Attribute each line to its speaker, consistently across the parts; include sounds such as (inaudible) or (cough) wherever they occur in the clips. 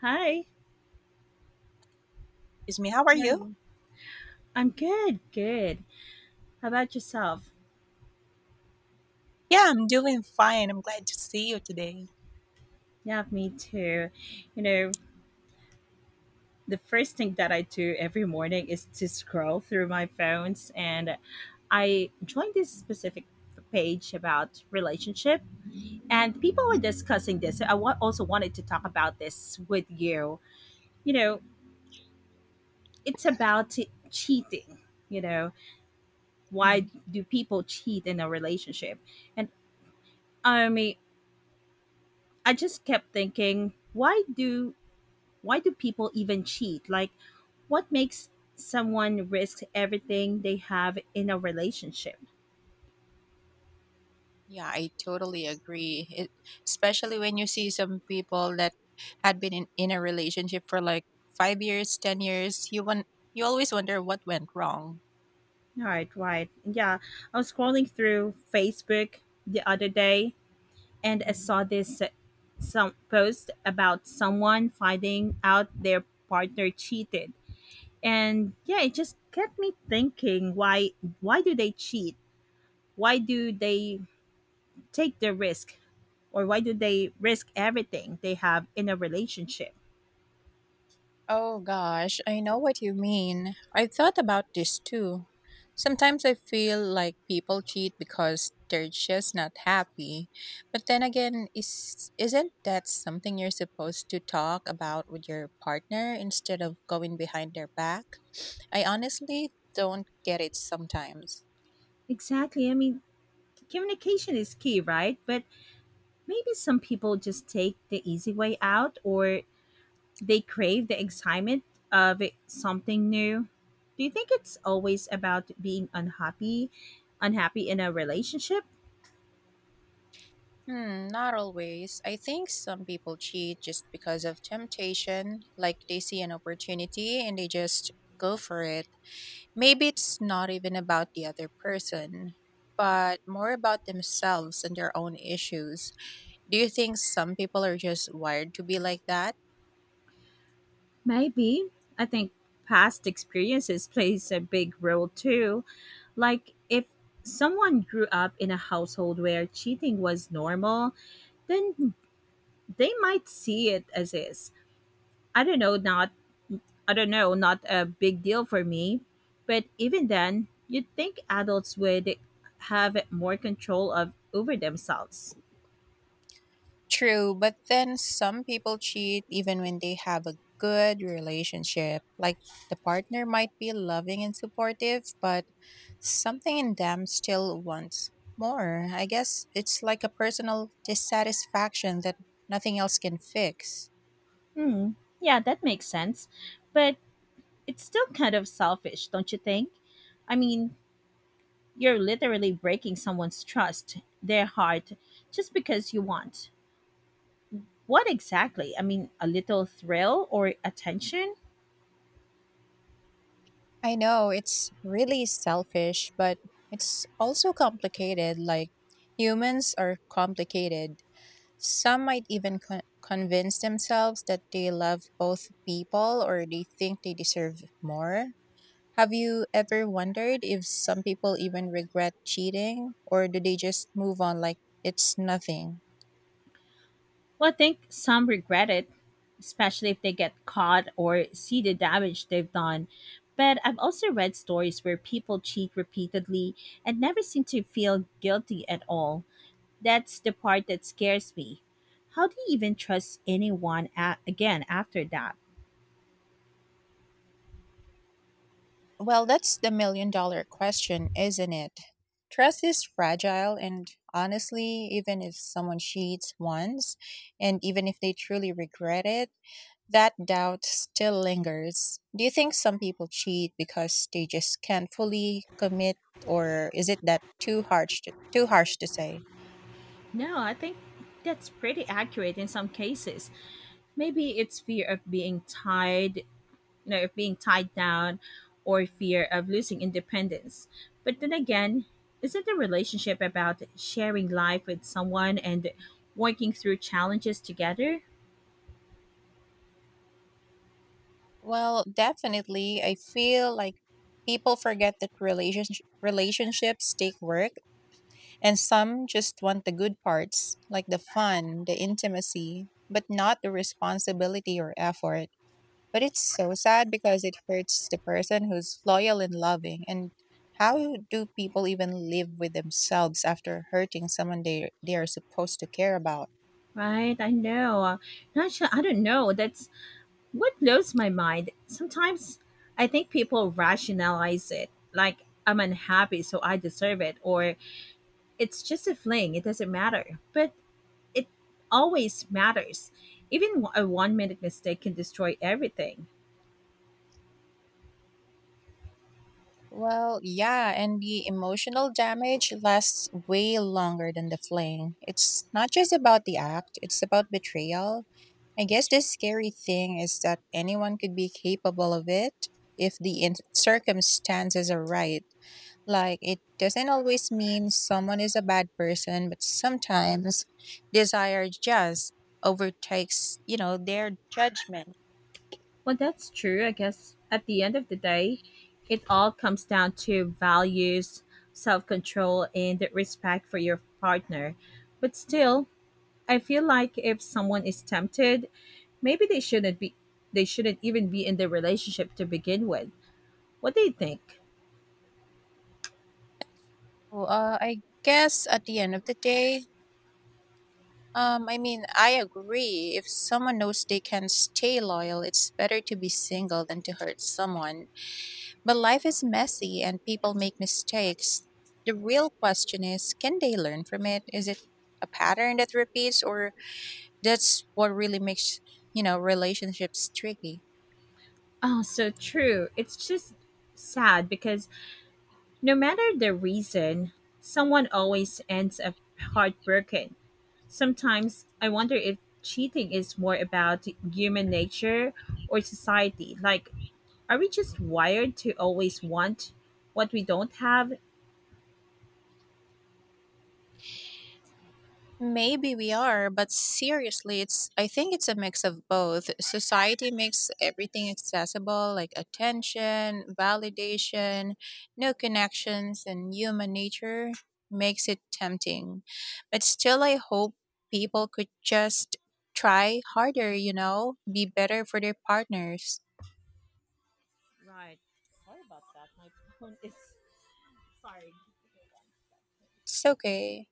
Speaker 1: Hi,
Speaker 2: Excuse me, how are
Speaker 1: how are
Speaker 2: you?
Speaker 1: you? I'm good, good. How about yourself?
Speaker 2: Yeah, I'm doing fine. I'm glad to see you today.
Speaker 1: Yeah, me too. You know, the first thing that I do every morning is to scroll through my phones, and I joined this specific page about relationship, and people were discussing this. Also wanted to talk about this with you. You know, it's about cheating. You know,
Speaker 2: Hmm.
Speaker 1: why do people cheat in a relationship? And I mean, I just kept thinking, why do people even cheat? Like, what makes someone risk everything they have in a relationship?
Speaker 2: Yeah, I totally agree. It, especially when you see some people that had been in a relationship for like 5 years, 10 years, you always wonder what went wrong.
Speaker 1: All right, right. Yeah. I was scrolling through Facebook the other day and I
Speaker 2: Mm-hmm.
Speaker 1: saw this, some post about someone finding out their partner cheated. And yeah, it just kept me thinking why do they cheat? Why do they take the risk, or why do they risk everything they have in a relationship?
Speaker 2: Oh gosh, I know what you mean. I've thought about this too. Sometimes I feel like people cheat because they're just not happy. But then again, is isn't that something you're supposed to talk about with your partner instead of going behind their back? I honestly don't get it sometimes.
Speaker 1: Exactly. I mean, communication is key, right? But maybe some people just take the easy way out, or they crave the excitement of it, something new. Do you think it's always about being unhappy in a relationship?
Speaker 2: Hmm, not always. I think some people cheat just because of temptation, like they see an opportunity and they just go for it. Maybe it's not even about the other person, but more about themselves and their own issues. Do you think some people are just wired to be like that?
Speaker 1: Maybe. I think past experiences plays a big role too. Like, if someone grew up in a household where cheating was normal, then they might see it as is. I don't know, not a big deal for me. But even then, you'd think adults would have more control of over themselves.
Speaker 2: True, but then some people cheat even when they have a good relationship. Like the partner might be loving and supportive, but something in them still wants more. I guess it's like a personal dissatisfaction that nothing else can fix.
Speaker 1: Hmm. Yeah, that makes sense. But it's still kind of selfish, don't you think? I mean, you're literally breaking someone's trust, their heart, just because you want. What exactly? I mean, a little thrill or attention?
Speaker 2: I know it's really selfish, but it's also complicated. Like humans are complicated. Some might even convince themselves that they love both people, or they think they deserve more. Have you ever wondered if some people even regret cheating, or do they just move on like it's nothing?
Speaker 1: Well, I think some regret it, especially if they get caught or see the damage they've done. But I've also read stories where people cheat repeatedly and never seem to feel guilty at all. That's the part that scares me. How do you even trust anyone again after that?
Speaker 2: Well, that's the million dollar question, isn't it? Trust is fragile, and honestly, even if someone cheats once, and even if they truly regret it, that doubt still lingers. Do you think some people cheat because they just can't fully commit, or is it that too harsh to say?
Speaker 1: No, I think that's pretty accurate in some cases. Maybe it's fear of being tied down, or fear of losing independence. But then again, isn't the relationship about sharing life with someone and working through challenges together?
Speaker 2: Well, definitely. I feel like people forget that relationships take work. And some just want the good parts, like the fun, the intimacy, but not the responsibility or effort. But it's so sad because it hurts the person who's loyal and loving. And how do people even live with themselves after hurting someone they are supposed to care about?
Speaker 1: Right? I know. Not sure. I don't know. That's what blows my mind. Sometimes I think people rationalize it like, I'm unhappy, so I deserve it, or it's just a fling, it doesn't matter. But it always matters. Even a one minute mistake can destroy everything.
Speaker 2: Well, yeah, and the emotional damage lasts way longer than the fling. It's not just about the act, it's about betrayal. I guess the scary thing is that anyone could be capable of it if the circumstances are right. Like, it doesn't always mean someone is a bad person, but sometimes desire just overtakes, you know, their judgment.
Speaker 1: Well, that's true. I guess at the end of the day, it all comes down to values, self control, and respect for your partner. But still, I feel like if someone is tempted, maybe they shouldn't even be in the relationship to begin with. What do you think?
Speaker 2: I guess at the end of the day, I agree. If someone knows they can stay loyal, it's better to be single than to hurt someone. But life is messy and people make mistakes. The real question is, can they learn from it? Is it a pattern that repeats, or that's what really makes, you know, relationships tricky?
Speaker 1: Oh, so true. It's just sad because no matter the reason, someone always ends up heartbroken. Sometimes I wonder if cheating is more about human nature or society. Like, are we just wired to always want what we don't have?
Speaker 2: Maybe we are, but seriously, it's I think it's a mix of both. Society makes everything accessible, like attention, validation, no connections, and human nature makes it tempting. But still, I hope people could just try harder, you know, be better for their partners.
Speaker 1: Right. Sorry about that. My phone is, sorry.
Speaker 2: It's okay.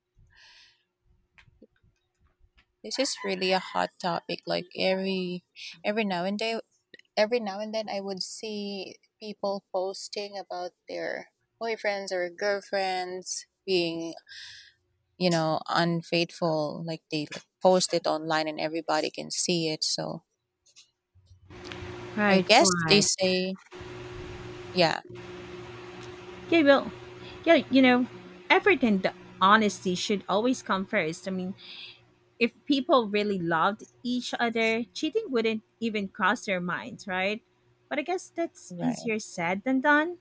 Speaker 2: This is really a hot topic. Like every now and day every now and then I would see people posting about their boyfriends or girlfriends being, you know, unfaithful. Like they, like, post it online and everybody can see it. So I
Speaker 1: Right,
Speaker 2: guess they
Speaker 1: right.
Speaker 2: say, yeah,
Speaker 1: Yeah, well, yeah, effort and honesty should always come first. I mean, if people really loved each other, cheating wouldn't even cross their minds, right? But I guess that's
Speaker 2: right.
Speaker 1: easier said than done.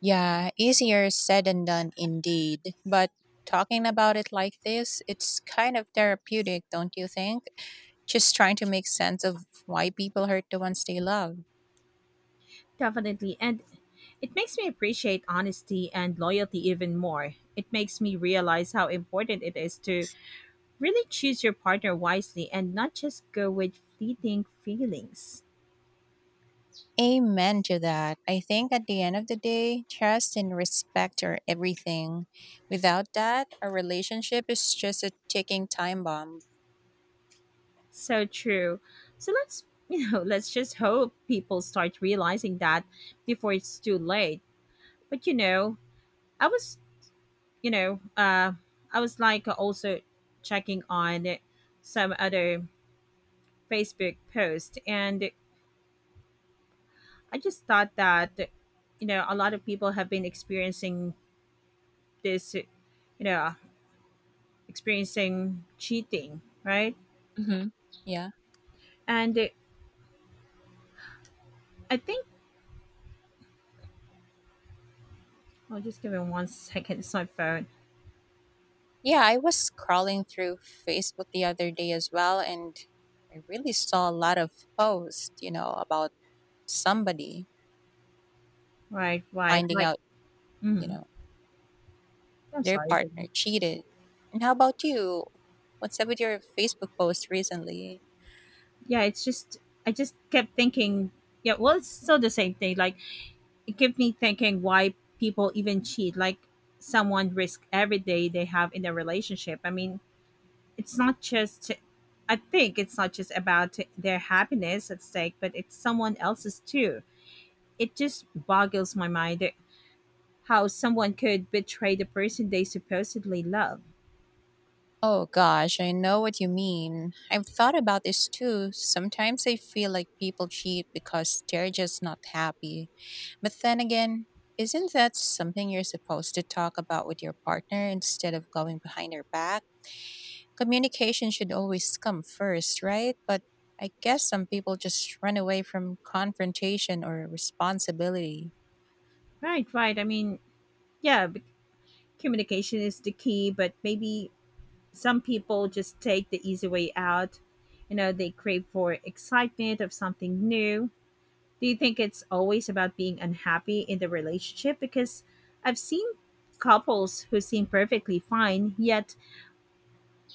Speaker 2: Yeah, easier said than done indeed. But talking about it like this, it's kind of therapeutic, don't you think? Just trying to make sense of why people hurt the ones they love.
Speaker 1: Definitely. And it makes me appreciate honesty and loyalty even more. It makes me realize how important it is to really choose your partner wisely and not just go with fleeting feelings.
Speaker 2: Amen to that. I think at the end of the day, trust and respect are everything. Without that, a relationship is just a ticking time bomb.
Speaker 1: So true. So let's, (laughs) let's just hope people start realizing that before it's too late. But you know, I was, you know, uh I was like also checking on some other Facebook post, and I just thought that, a lot of people have been experiencing this, know, experiencing cheating, right?
Speaker 2: Hmm. Yeah.
Speaker 1: And I think I'll just give him one second. It's my phone.
Speaker 2: Yeah, I was scrolling through Facebook the other day as well, and I really saw a lot of posts, you know, about somebody
Speaker 1: Right, right.
Speaker 2: finding
Speaker 1: Like,
Speaker 2: out, you
Speaker 1: mhm.
Speaker 2: know,
Speaker 1: I'm
Speaker 2: their
Speaker 1: sorry, go
Speaker 2: partner
Speaker 1: on.
Speaker 2: cheated. And how about you? What's up with your Facebook post recently?
Speaker 1: Yeah, I just kept thinking, yeah, well, it's still the same thing. Like, it kept me thinking why people even cheat. Like, someone risk every day they have in their relationship. I mean, it's not just I think it's not just about their happiness at stake, but it's someone else's too. It just boggles my mind how someone could betray the person they supposedly love.
Speaker 2: Oh gosh, I know what you mean. I've thought about this too. Sometimes I feel like people cheat because they're just not happy. But then again, isn't that something you're supposed to talk about with your partner instead of going behind their back? Communication should always come first, right? But I guess some people just run away from confrontation or responsibility.
Speaker 1: Right, right. I mean, yeah, communication is the key, but maybe some people just take the easy way out. They crave for excitement of something new. Do you think it's always about being unhappy in the relationship? Because I've seen couples who seem perfectly fine, yet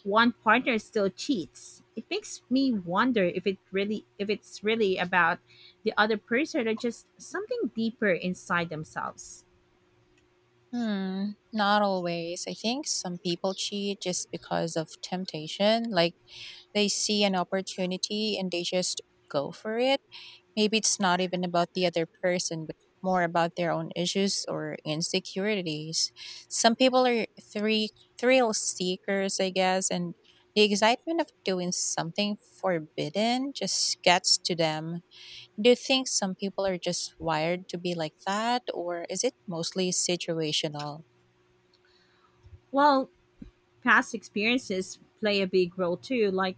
Speaker 1: one partner still cheats. It makes me wonder if it's really about the other person or just something deeper inside themselves.
Speaker 2: Hmm, not always. I think some people cheat just because of temptation. Like they see an opportunity and they just go for it. Maybe it's not even about the other person, but more about their own issues or insecurities. Some people are three thrill seekers, I guess, and the excitement of doing something forbidden just gets to them. Do you think some people are just wired to be like that, or is it mostly situational?
Speaker 1: Well, past experiences play a big role too. Like,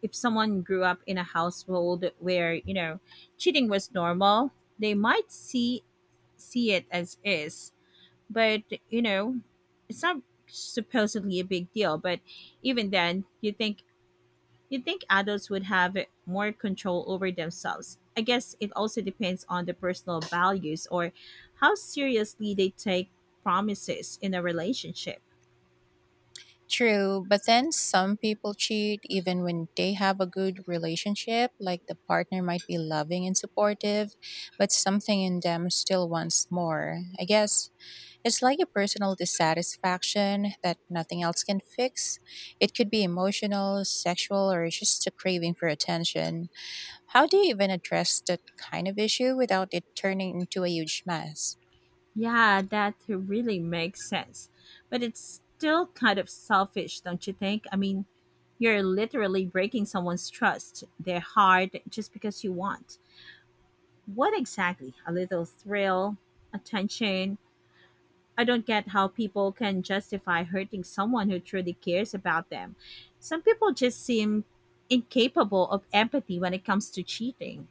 Speaker 1: if someone grew up in a household where, cheating was normal, they might see it as is. But you know it's not supposedly a big deal. But even then, you think adults would have more control over themselves. I guess it also depends on the personal values or how seriously they take promises in a relationship.
Speaker 2: True, but then some people cheat even when they have a good relationship, like the partner might be loving and supportive, but something in them still wants more. I guess it's like a personal dissatisfaction that nothing else can fix. It could be emotional, sexual, or just a craving for attention. How do you even address that kind of issue without it turning into a huge mess?
Speaker 1: Yeah, that really makes sense, but it's still kind of selfish, don't you think? I mean, you're literally breaking someone's trust, their heart, just because you want. What exactly? A little thrill, attention. I don't get how people can justify hurting someone who truly cares about them. Some people just seem incapable of empathy when it comes to cheating.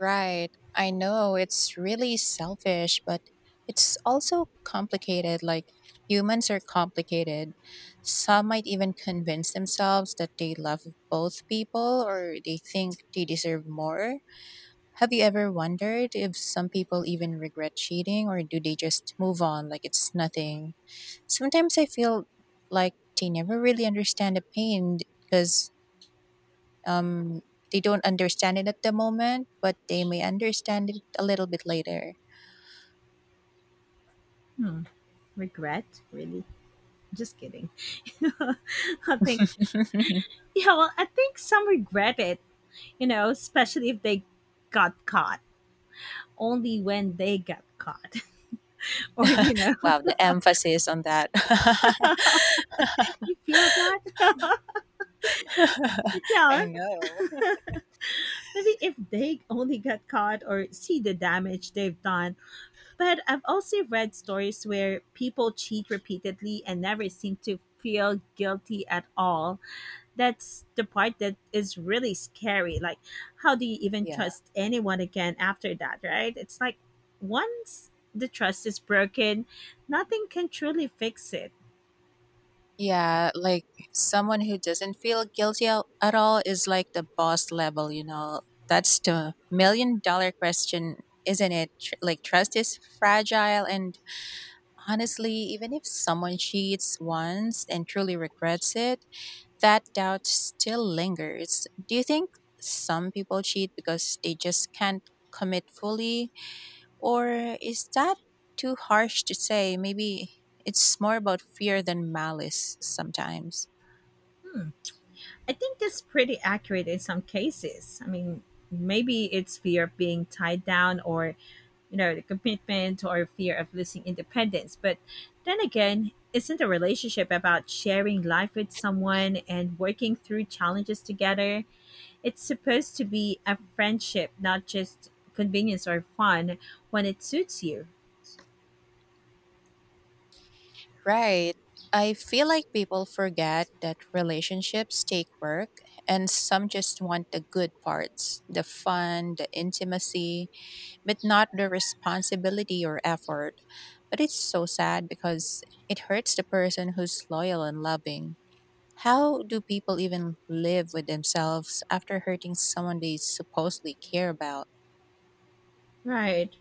Speaker 2: Right. I know it's really selfish, but it's also complicated. Like humans are complicated. Some might even convince themselves that they love both people, or they think they deserve more. Have you ever wondered if some people even regret cheating, or do they just move on like it's nothing? Sometimes I feel like they never really understand the pain because um, they don't understand it at the moment, but they may understand it a little bit later.
Speaker 1: Hmm, regret? Really? Just kidding. (laughs) I think,
Speaker 2: (laughs)
Speaker 1: yeah, well, I think some regret it, especially if they got caught. Only when they got caught. (laughs) Or,
Speaker 2: Wow, the emphasis on that. (laughs)
Speaker 1: (laughs) you feel that? But yeah,
Speaker 2: I know.
Speaker 1: maybe if they only got caught or see the damage they've done. But I've also read stories where people cheat repeatedly and never seem to feel guilty at all. That's the part that is really scary. Like, how do you even
Speaker 2: Yeah.
Speaker 1: trust anyone again after that, right? It's like once the trust is broken, nothing can truly fix it.
Speaker 2: Yeah, like someone who doesn't feel guilty at all is like the boss level, you know. That's the million dollar question, isn't it? Like trust is fragile and honestly, even if someone cheats once and truly regrets it, that doubt still lingers. Do you think some people cheat because they just can't commit fully, or is that too harsh to say? Maybe it's more about fear than malice sometimes.
Speaker 1: I think that's pretty accurate in some cases. I mean, maybe it's fear of being tied down, or the commitment, or fear of losing independence. But then again, isn't a relationship about sharing life with someone and working through challenges together? It's supposed to be a friendship, not just convenience or fun when it suits you.
Speaker 2: Right. I feel like people forget that relationships take work, and some just want the good parts, the fun, the intimacy, but not the responsibility or effort. But it's so sad because it hurts the person who's loyal and loving. How do people even live with themselves after hurting someone they supposedly care about?
Speaker 1: Right.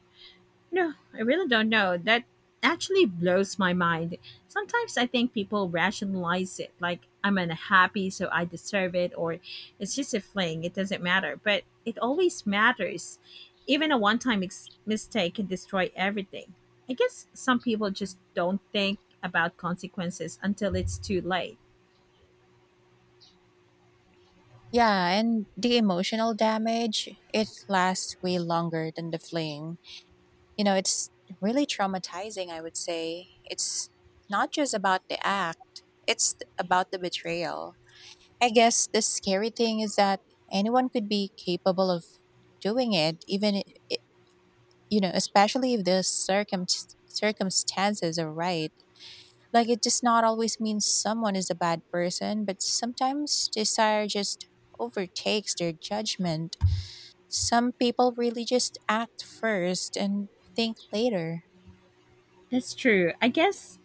Speaker 1: No, I really don't know. That actually blows my mind. Sometimes I think people rationalize it like, I'm unhappy, so I deserve it, or it's just a fling, it doesn't matter. But it always matters. Even a one time mistake can destroy everything. I guess some people just don't think about consequences until it's too late.
Speaker 2: Yeah, and the emotional damage, it lasts way longer than the fling. You know, it's really traumatizing, I would say. It's not just about the act, it's about the betrayal. I guess the scary thing is that anyone could be capable of doing it, i- you know, especially if the circumstances are right. Like, it does not always mean someone is a bad person, but sometimes desire just overtakes their judgment. Some people really just act first and think later.
Speaker 1: That's true. I guess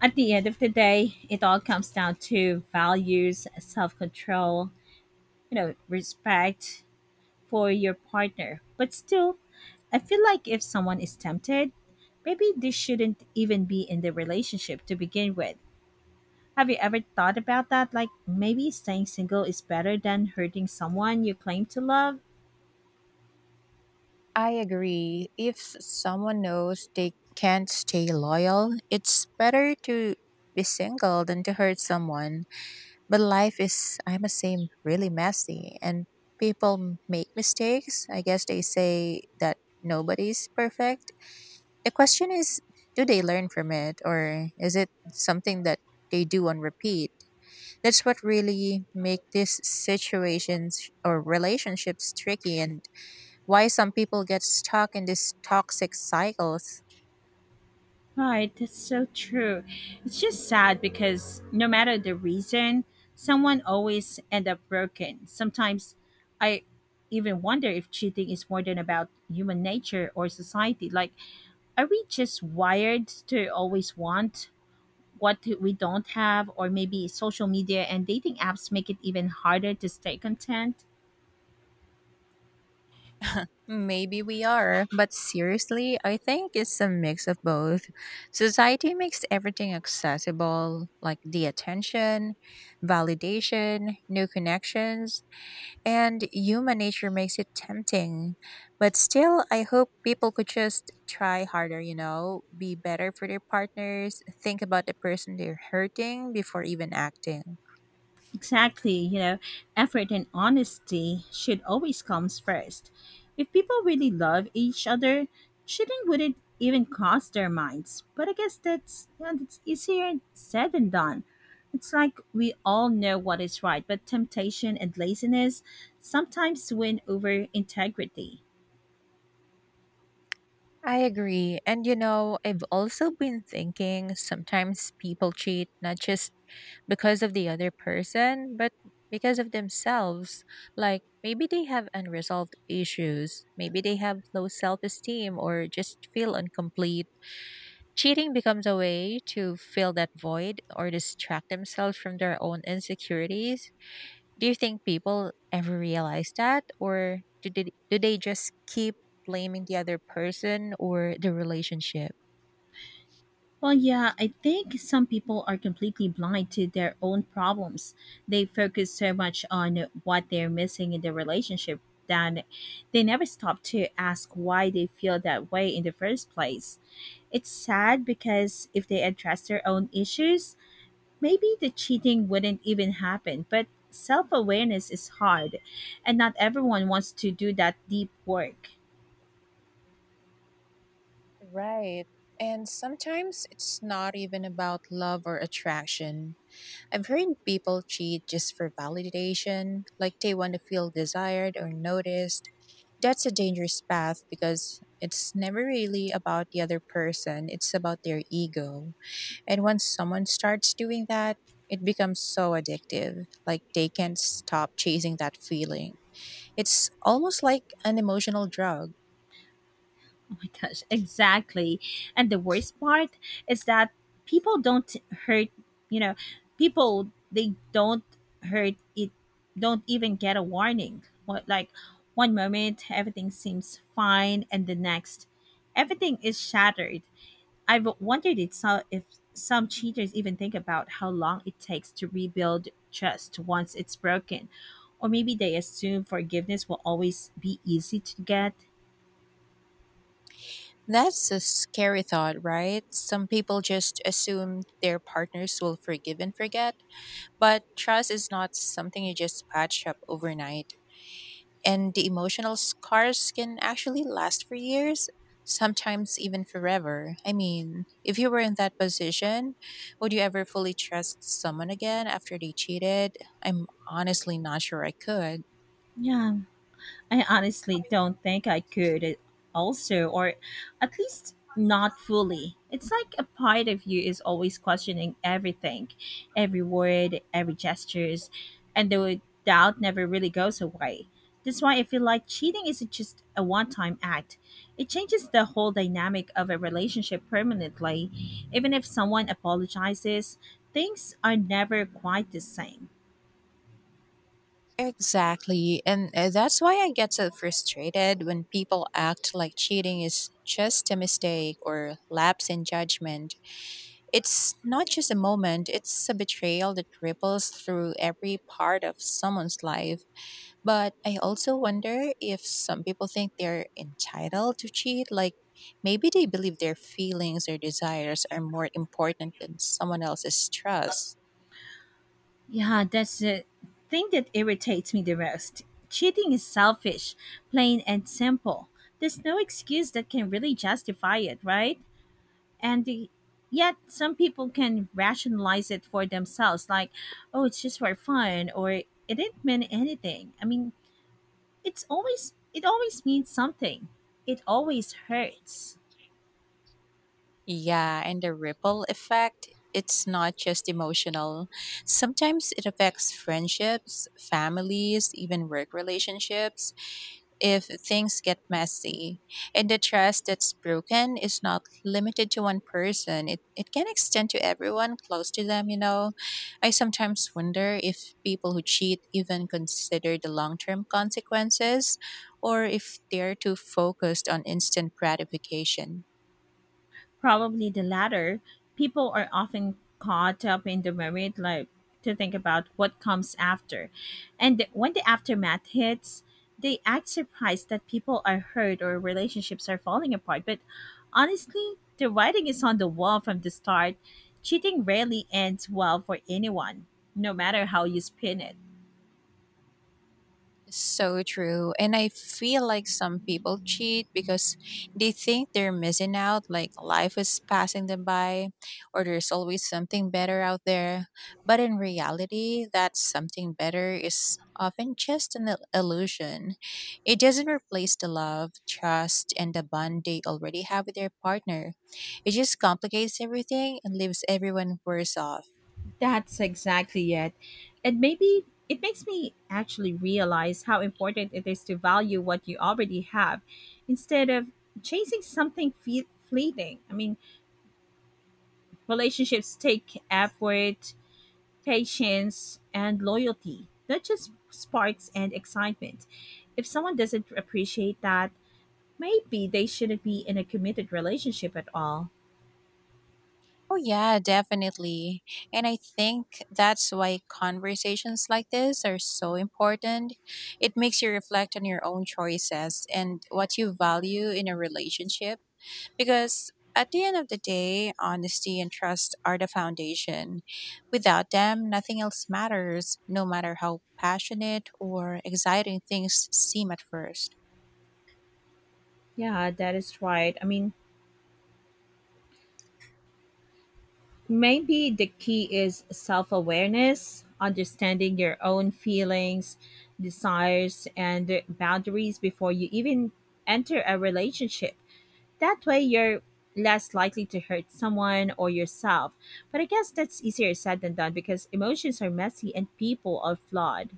Speaker 1: at the end of the day, it all comes down to values, self control, respect, for your partner. But still, I feel like if someone is tempted, maybe they shouldn't even be in the relationship to begin with. Have you ever thought about that? Like, maybe staying single is better than hurting someone you claim to love?
Speaker 2: I agree. If someone knows they can't stay loyal, it's better to be single than to hurt someone. But life is, I must say, really messy and people make mistakes. I guess they say that nobody's perfect. The question is, do they learn from it, or is it something that they do on repeat? That's what really make these situations or relationships tricky, and why some people get stuck in these toxic cycles.
Speaker 1: Right, that's so true. It's just sad because no matter the reason, someone always end up broken. Sometimes I even wonder if cheating is more than about human nature or society. Like, are we just wired to always want what we don't have? Or maybe social media and dating apps make it even harder to stay content?
Speaker 2: Maybe we are, but seriously, I think it's a mix of both. Society makes everything accessible, like the attention, validation, new connections, and human nature makes it tempting. But still, I hope people could just try harder, you know, be better for their partners, think about the person they're hurting before even acting.
Speaker 1: Exactly. Effort and honesty should always comes first. If people really love each other, cheating wouldn't even cross their minds. But I guess that's, that's easier said than done. It's like we all know what is right, but temptation and laziness sometimes win over integrity.
Speaker 2: I agree. And you know, I've also been thinking, sometimes people cheat not just because of the other person, but because of themselves. Like maybe they have unresolved issues, maybe they have low self esteem or just feel incomplete. Cheating becomes a way to fill that void or distract themselves from their own insecurities. Do you think people ever realize that, or do they just keep blaming the other person or the relationship?
Speaker 1: Well, yeah, I think some people are completely blind to their own problems. They focus so much on what they're missing in their relationship that they never stop to ask why they feel that way in the first place. It's sad because if they address their own issues, maybe the cheating wouldn't even happen. But self awareness is hard, and not everyone wants to do that deep work.
Speaker 2: Right. And sometimes it's not even about love or attraction. I've heard people cheat just for validation, like they want to feel desired or noticed. That's a dangerous path because it's never really about the other person, it's about their ego. And once someone starts doing that, it becomes so addictive, like they can't stop chasing that feeling. It's almost like an emotional drug.
Speaker 1: Oh my gosh, exactly. And the worst part is that people don't hurt, you know, people they don't hurt, it don't even get a warning. What? Like, one moment everything seems fine, and the next everything is shattered. I've wondered it so if some cheaters even think about how long it takes to rebuild trust once it's broken. Or maybe they assume forgiveness will always be easy to get.
Speaker 2: That's a scary thought, right? Some people just assume their partners will forgive and forget. But trust is not something you just patch up overnight. And the emotional scars can actually last for years, sometimes even forever. I mean, if you were in that position, would you ever fully trust someone again after they cheated? I'm honestly not sure I could.
Speaker 1: Yeah, I honestly don't think I could also, or at least not fully. It's like a part of you is always questioning everything, every word, every gestures, and the doubt never really goes away. That's why I feel like cheating isn't just a one time act. It changes the whole dynamic of a relationship permanently. Even if someone apologizes, things are never quite the same.
Speaker 2: Exactly. And that's why I get so frustrated when people act like cheating is just a mistake or lapse in judgment. It's not just a moment, it's a betrayal that ripples through every part of someone's life. But I also wonder if some people think they're entitled to cheat. Like maybe they believe their feelings or desires are more important than someone else's trust.
Speaker 1: Yeah, that's the thing that irritates me the most. Cheating is selfish, plain and simple. There's no excuse that can really justify it, right? And the, yet some people can rationalize it for themselves, like, "Oh, it's just for fun," or "It didn't mean anything." I mean, it always means something. It always hurts.
Speaker 2: Yeah, and the ripple effect, it's not just emotional. Sometimes it affects friendships, families, even work relationships if things get messy. And the trust that's broken is not limited to one person, it can extend to everyone close to them. I sometimes wonder if people who cheat even consider the long term consequences or if they're too focused on instant gratification.
Speaker 1: Probably the latter. People are often caught up in the merit, like to think about what comes after. And when the aftermath hits, they act surprised that people are hurt or relationships are falling apart. But honestly, the writing is on the wall from the start. Cheating rarely ends well for anyone, no matter how you spin it.
Speaker 2: So true. And I feel like some people cheat because they think they're missing out, like life is passing them by, or there's always something better out there. But in reality, that something better is often just illusion. It doesn't replace the love, trust, and the bond they already have with their partner. It just complicates everything and leaves everyone worse off.
Speaker 1: That's exactly it. And maybe it makes me actually realize how important it is to value what you already have instead of chasing something fleeting. I mean, relationships take effort, patience, and loyalty, not just sparks and excitement. If someone doesn't appreciate that, maybe they shouldn't be in a committed relationship at all.
Speaker 2: Oh, yeah, definitely. And I think that's why conversations like this are so important. It makes you reflect on your own choices and what you value in a relationship. Because at the end of the day, honesty and trust are the foundation. Without them, nothing else matters, no matter how passionate or exciting things seem at first.
Speaker 1: Yeah, that is right. I mean, maybe the key is self awareness, understanding your own feelings, desires, and boundaries before you even enter a relationship. That way, you're less likely to hurt someone or yourself. But I guess that's easier said than done because emotions are messy and people are flawed.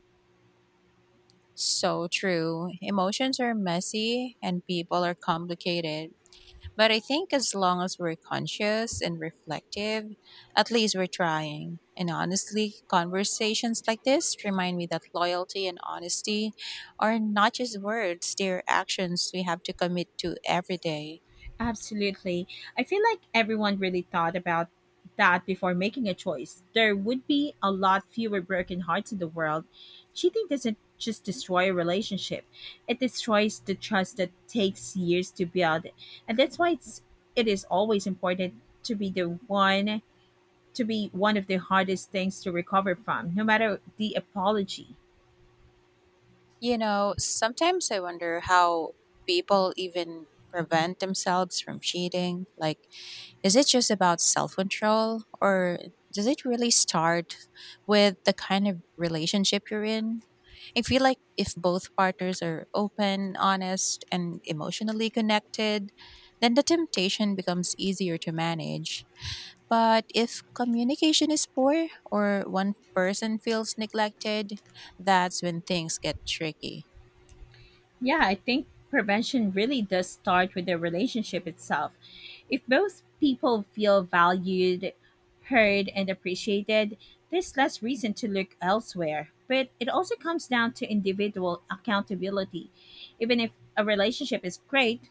Speaker 2: So true. Emotions are messy and people are complicated. But I think as long as we're conscious and reflective, at least we're trying. And honestly, conversations like this remind me that loyalty and honesty are not just words, they're actions we have to commit to every day.
Speaker 1: Absolutely. I feel like everyone really thought about that before making a choice, there would be a lot fewer broken hearts in the world. Cheating doesn't just destroy a relationship, it destroys the trust that takes years to build. And that's why it is always important to be the one to be one of the hardest things to recover from, no matter the apology.
Speaker 2: You know, sometimes I wonder how people even prevent themselves from cheating. Like, is it just about self control, or does it really start with the kind of relationship you're in? I feel like if both partners are open, honest, and emotionally connected, then the temptation becomes easier to manage. But if communication is poor or one person feels neglected, that's when things get tricky.
Speaker 1: Yeah, I think prevention really does start with the relationship itself. If both people feel valued, heard, and appreciated, there's less reason to look elsewhere. But it also comes down to individual accountability. Even if a relationship is great,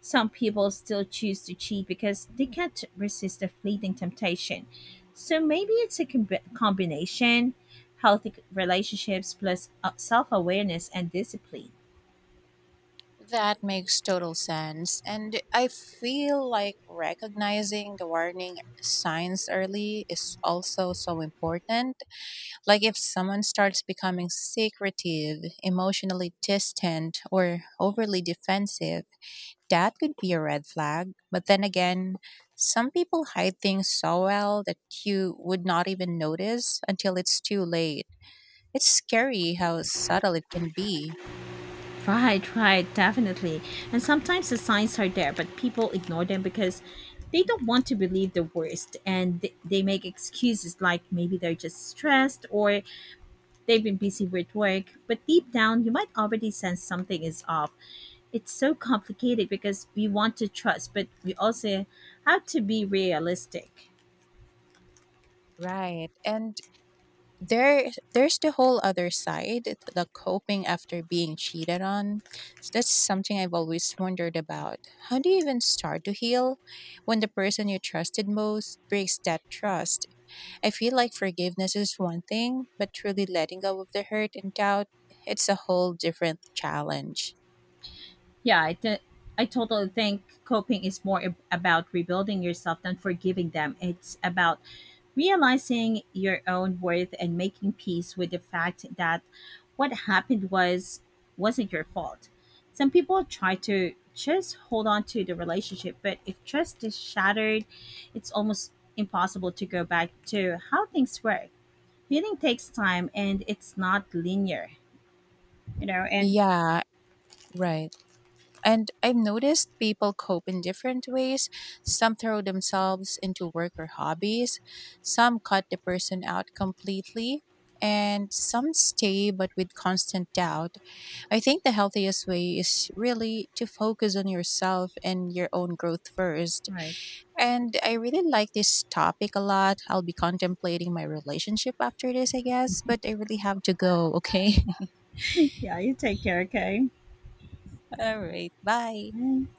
Speaker 1: some people still choose to cheat because they can't resist the fleeting temptation. So maybe it's a combination, healthy relationships plus self awareness and discipline.
Speaker 2: That makes total sense. And I feel like recognizing the warning signs early is also so important. Like if someone starts becoming secretive, emotionally distant, or overly defensive, that could be a red flag. But then again, some people hide things so well that you would not even notice until it's too late. It's scary how subtle it can be.
Speaker 1: Right, right, definitely. And sometimes the signs are there, but people ignore them because they don't want to believe the worst, and they make excuses like maybe they're just stressed or they've been busy with work. But deep down, you might already sense something is off. It's so complicated because we want to trust, but we also have to be realistic.
Speaker 2: Right. And there's the whole other side, the coping after being cheated on, so that's something I've always wondered about. How do you even start to heal when the person you trusted most breaks that trust? I feel like forgiveness is one thing, but truly letting go of the hurt and doubt, it's a whole different challenge.
Speaker 1: Yeah, I, th- I totally think coping is more about rebuilding yourself than forgiving them. It's about realizing your own worth and making peace with the fact that what happened was wasn't your fault. Some people try to just hold on to the relationship, but if trust is shattered, it's almost impossible to go back to how things were. Healing takes time and it's not linear, you know, and
Speaker 2: Yeah, right. And I've noticed people cope in different ways. Some throw themselves into work or hobbies, some cut the person out completely, and some stay but with constant doubt. I think the healthiest way is really to focus on yourself and your own growth first.
Speaker 1: right.
Speaker 2: And I really like this topic a lot. I'll be contemplating my relationship after this, I guess, but I really have to go, okay?
Speaker 1: Yeah, you take care, okay?
Speaker 2: (laughs) All right, bye.
Speaker 1: Bye.